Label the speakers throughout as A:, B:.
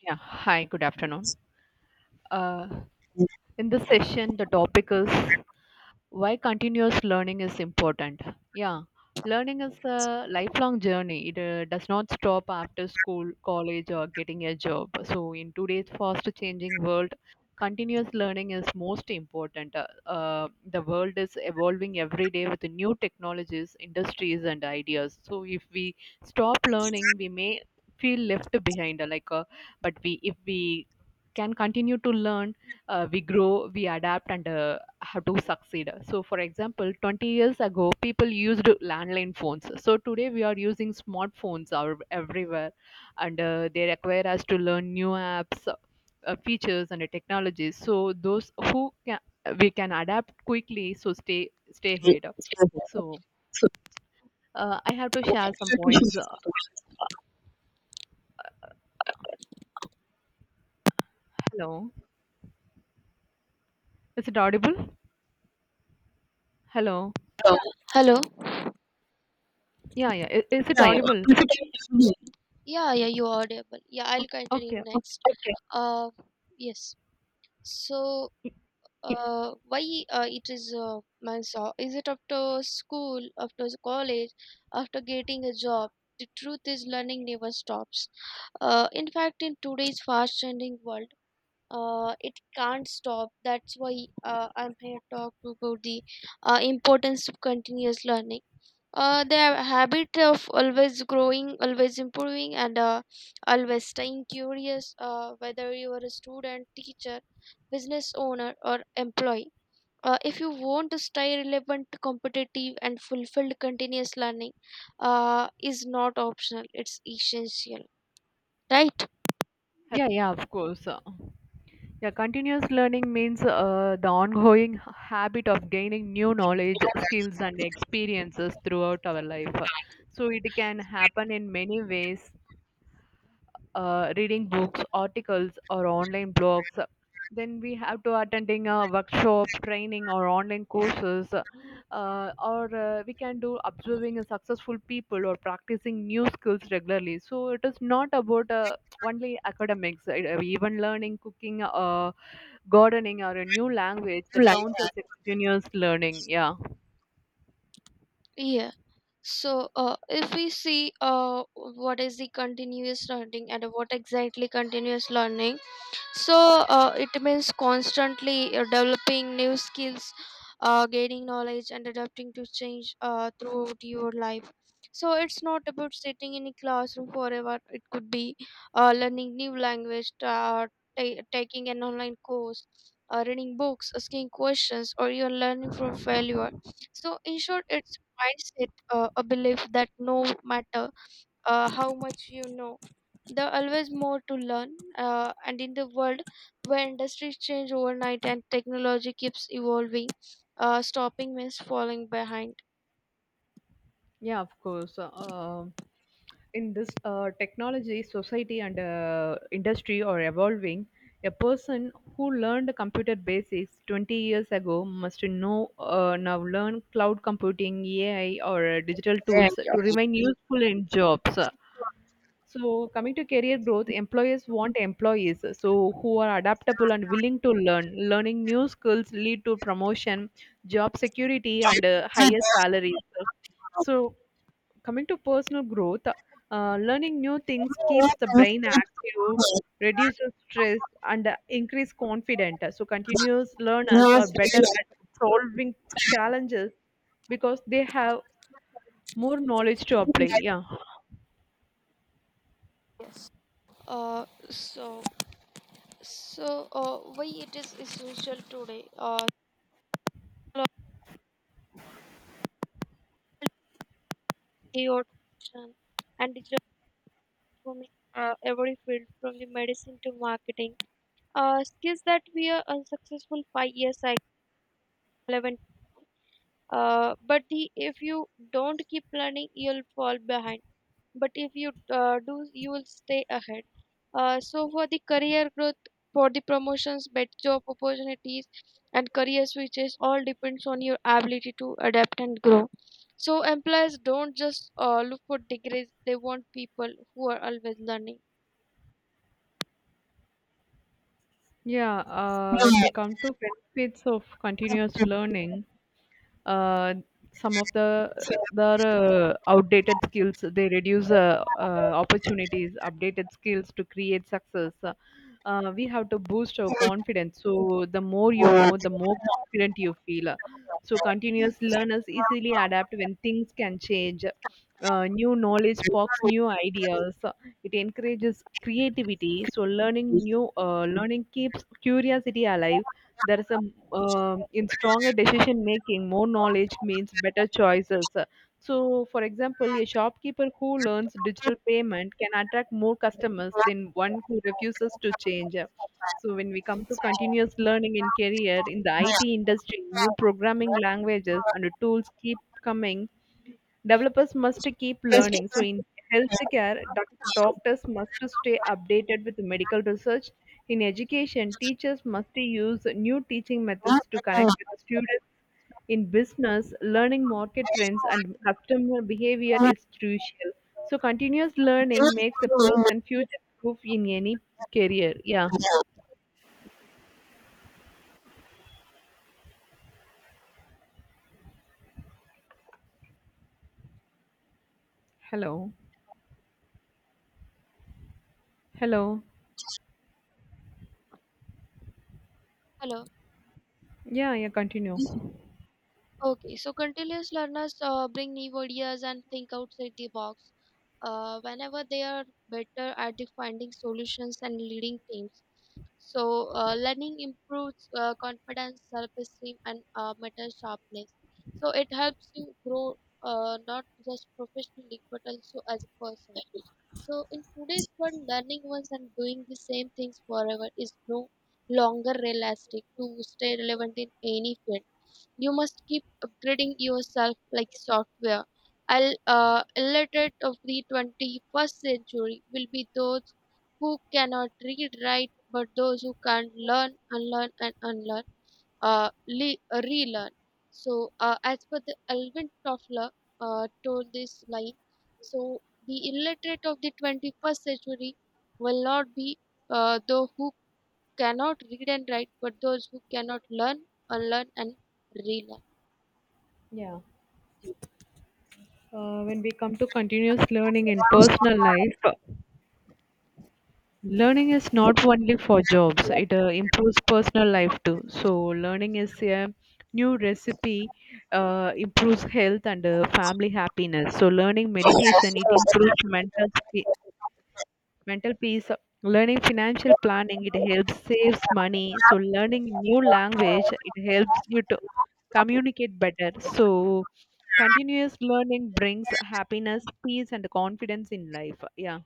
A: Yeah, hi, good afternoon. Uh, in this session, the topic is why continuous learning is important, yeah. Learning is a lifelong journey. It does not stop after school, college, or getting a job. So in today's fast changing world, continuous learning is most important. The world is evolving every day with new technologies, industries, and ideas. So if we stop learning, we may feel left behind. Like but we If we can continue to learn, we grow, we adapt, and have to succeed. So, for example, 20 years ago, people used landline phones. So today we are using smartphones are everywhere, and they require us to learn new apps, features, and technologies. So those who can, we can adapt quickly. So, stay ahead. So, I have to share some points. Hello, is it audible? Hello,
B: Hello.
A: yeah, yeah, is it audible?
B: Yeah, yeah, you are audible. Yeah, I'll continue
A: Okay,
B: next. Uh, yes. So, why it is man saw? Is it after school, after college, after getting a job? The truth is, learning never stops. In fact, in today's fast-changing world, it can't stop. That's why I'm here to talk about the importance of continuous learning. Their habit of always growing, always improving, and always staying curious, whether you are a student, teacher, business owner, or employee. If you want to stay relevant, competitive, and fulfilled, continuous learning is not optional, it's essential, right?
A: yeah, yeah, of course. Yeah, continuous learning means the ongoing habit of gaining new knowledge, skills, and experiences throughout our life. So it can happen in many ways: reading books, articles, or online blogs. Then we have to attending a workshop, training, or online courses, or we can do observing a successful people or practicing new skills regularly. So it is not about only academics. Even learning cooking, gardening, or a new language, that counts as a continuous learning, yeah.
B: Yeah. If we see what is the continuous learning and what exactly continuous learning, it means constantly developing new skills, gaining knowledge, and adapting to change throughout your life. So it's not about sitting in a classroom forever. It could be learning new language, taking an online course, reading books, asking questions, or even learning from failure. So in short, it's mindset, a belief that no matter how much you know, there are always more to learn. And in the world where industries change overnight and technology keeps evolving, stopping means falling behind.
A: Yeah, of course. In this technology, society, and industry are evolving. A person who learned computer basics 20 years ago must know now learn cloud computing, ai, or digital tools to remain useful in jobs. So coming to career growth, employers want employees so who are adaptable and willing to learn. Learning new skills lead to promotion, job security, and higher salaries. So coming to personal growth, learning new things keeps the brain active, reduces stress, and increase confidence. So continuous learners are better at solving challenges because they have more knowledge to apply. Yeah.
B: Uh, so, why it is essential today? Technology, automation, and digital transforming every field from the medicine to marketing. Skills that we are unsuccessful 5 years ago, relevant, but the, if you don't keep learning, you'll fall behind, but if you do, you will stay ahead. So for the career growth, for the promotions, better job opportunities, and career switches all depends on your ability to adapt and grow. So employers don't just look for degrees. They want people who are always learning.
A: Yeah, when we come to benefits of continuous learning, uh, some of the outdated skills, they reduce opportunities. Updated skills to create success. We have to boost our confidence, so the more you know, the more confident you feel. So continuous learners easily adapt when things can change. New knowledge sparks new ideas, it encourages creativity. So learning keeps curiosity alive. There is a In stronger decision making, more knowledge means better choices. So for example, a shopkeeper who learns digital payment can attract more customers than one who refuses to change. So when we come to continuous learning in career, in the it industry, new programming languages and tools keep coming. Developers must keep learning. So in healthcare, doctors must to stay updated with medical research. In education, teachers must to use new teaching methods to connect with the students. In business, learning market trends and customer behavior is crucial. So continuous learning makes a person future proof in any career. Yeah. Hello. Hello.
B: Hello.
A: Yeah, yeah, continue.
B: Okay, so continuous learners bring new ideas and think outside the box. Whenever they are better at the finding solutions and leading teams. Learning improves confidence, self esteem, and mental sharpness. So, it helps you grow, not just professionally but also as a person. So, in today's world, learning once and doing the same things forever is no longer realistic. To stay relevant in any field, you must keep upgrading yourself like software. I'll, illiterate of the 21st century will be those who cannot read write, but those who can learn, unlearn and unlearn le- relearn. As per the Alvin Toffler, told this line, so the illiterate of the 21st century will not be those who cannot read and write, but those who cannot learn, unlearn, and relearn.
A: Yeah. When we come to continuous learning in personal life, learning is not only for jobs, it improves personal life too. So learning is a new recipe, improves health and family happiness. So learning meditation, it improves mental peace. Learning financial planning, it helps saves money. So learning new language, it helps you to communicate better. So continuous learning brings happiness, peace, and confidence in life. Yeah.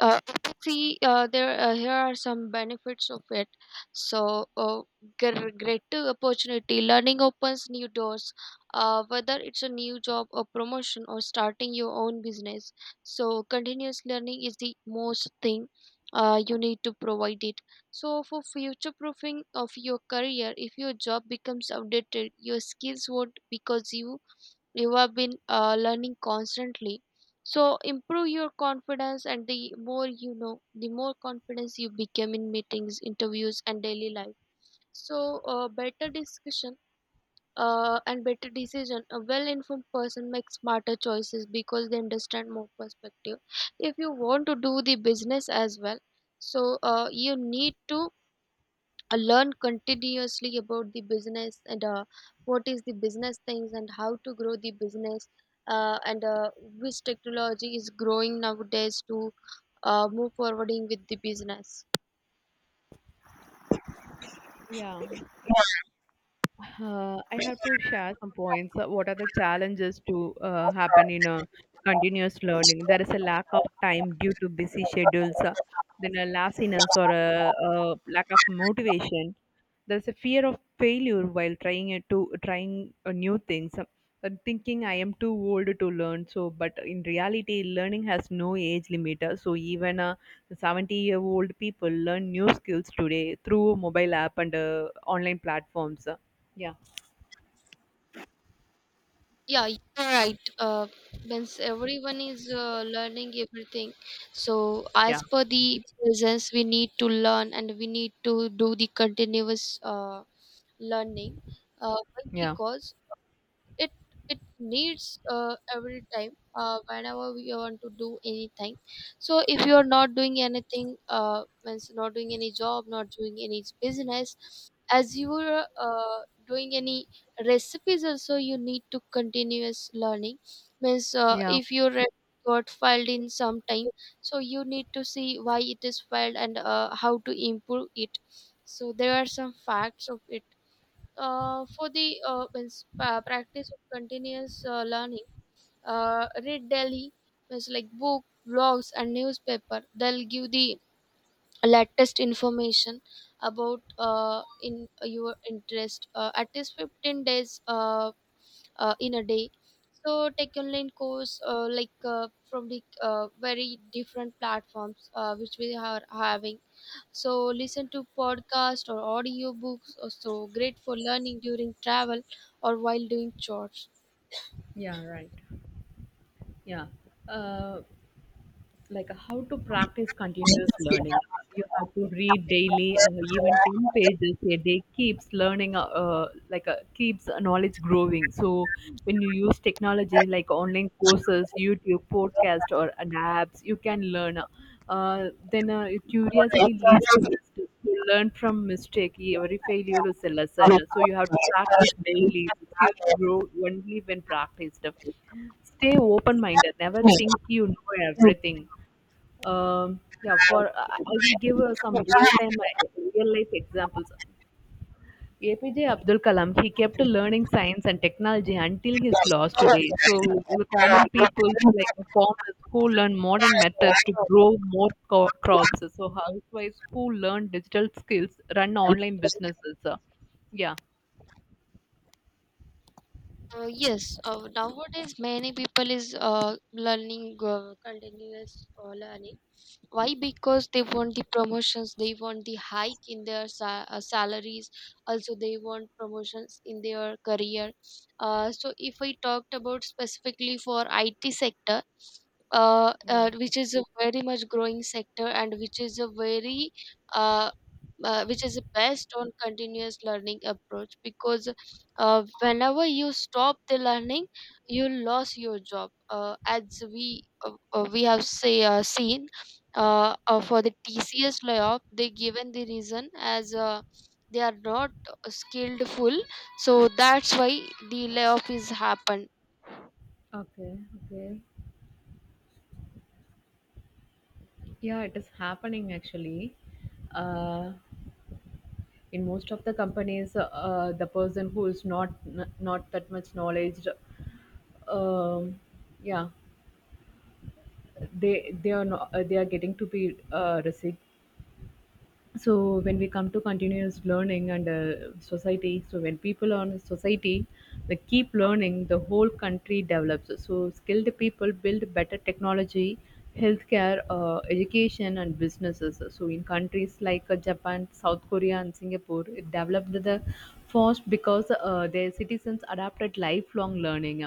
B: Uh, see there Here are some benefits of it. so uh, Greater opportunity, learning opens new doors, whether it's a new job or promotion or starting your own business. So continuous learning is the most thing you need to provide it. So for future proofing of your career, if your job becomes outdated, your skills won't, because you have been learning constantly. So improve your confidence, and the more you know, the more confidence you become in meetings, interviews, and daily life. Better discussion and better decision. A well-informed person makes smarter choices because they understand more perspective. If you want to do the business as well, you need to I learn continuously about the business, and what is the business things and how to grow the business, and which technology is growing nowadays to move forwarding with the business.
A: Yeah. I have to share some points. What are the challenges to happen in a continuous learning? There is a lack of time due to busy schedules, then a laziness or a lack of motivation. There's a fear of failure while trying it to trying new things. And thinking I am too old to learn, so but in reality, learning has no age limiter. So even 70-year-old people learn new skills today through mobile app and online platforms, yeah.
B: Yeah, you're right. Once everyone is learning everything, so
A: Yeah,
B: as per the business, we need to learn and we need to do the continuous learning. Why?
A: yeah.
B: Because it it needs, every time whenever we want to do anything, so if you are not doing anything, means not doing any job, not doing any business, as you are doing any recipes also, you need to continuous learning. Means
A: Yeah.
B: if your recipe got filed in some time, so you need to see why it is filed and how to improve it. So there are some facts of it. For the Means, practice of continuous learning, read daily, means like book, blogs, and newspaper. They'll give the latest information about in your interest, at least 15 days in a day. So take online course like from the very different platforms which we are having. So listen to podcast or audiobooks are so great for learning during travel or while doing chores.
A: Yeah. Right. Yeah. Uh, like how to practice continuous learning. You have to read daily, even ten pages a day keeps learning, keeps knowledge growing. So when you use technology like online courses, YouTube, podcast, or an apps, you can learn. Uh, then Curiosity leads to wisdom. You learn from mistake. Every failure is a lesson. So you have to practice daily. Skills grow only when practiced. Stay open minded. Never think you know everything. Yeah, for I will give real life examples. APJ Abdul Kalam, he kept learning science and technology until his loss today. So the common people like the farmers who learn modern methods to grow more crops. So housewives who learn digital skills run online businesses. Yeah,
B: Yes, nowadays many people is learning continuous learning. Why? Because they want the promotions, they want the hike in their salaries, also they want promotions in their career. So if we talked about specifically for IT sector,
A: yeah.
B: which is a very much growing sector, and which is a very uh, which is based on continuous learning approach, because whenever you stop the learning, you lose your job, as we have say seen, for
A: Okay.
B: the TCS layoff, they given the reason as they are not skilled full, so that's why the layoff is happened.
A: Okay, okay. Yeah, it is happening actually. Uh, in most of the companies, the person who is not not that much knowledge, um, yeah, they are not, they are getting to be resigned. So when we come to continuous learning and society, so when people are in society, they keep learning, the whole country develops. So skilled people build better technology, healthcare, education, and businesses. So in countries like japan, south korea, and singapore, it developed the fast because their citizens adapted lifelong learning.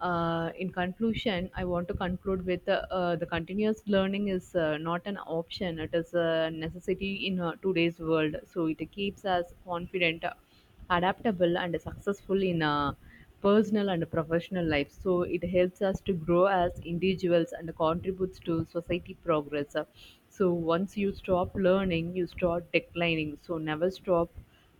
A: In conclusion, I want to conclude with the continuous learning is not an option; it is a necessity in today's world. So it keeps us confident, adaptable, and successful in personal and professional life. So it helps us to grow as individuals and contributes to society progress. So once you stop learning, you start declining. So never stop.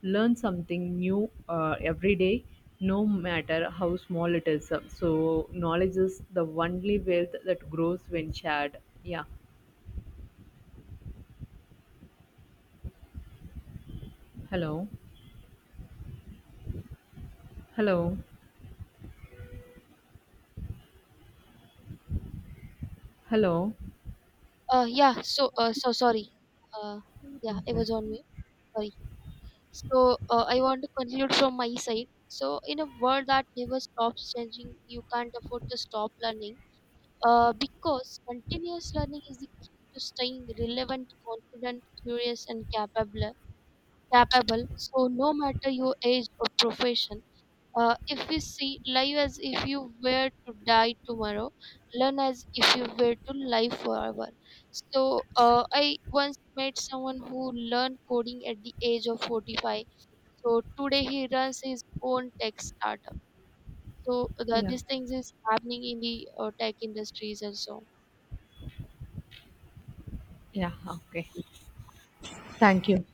A: Learn something new every day, no matter how small it is. So knowledge is the only wealth that grows when shared. Yeah. Hello. Hello. Hello.
B: Yeah. So sorry. Uh, yeah, I
A: Okay.
B: was on mute. Sorry. I want to conclude from my side. So, in a world that never stops changing, you can't afford to stop learning. Because continuous learning is the key to staying relevant, confident, curious, and capable. So no matter your age or profession, if we see life as if you were to die tomorrow, learn as if you were to live forever. I once met someone who learned coding at the age of 45. So today he runs his own tech startup. So the,
A: Yeah.
B: these things is happening in the tech industries also.
A: Yeah. Okay. Thank you.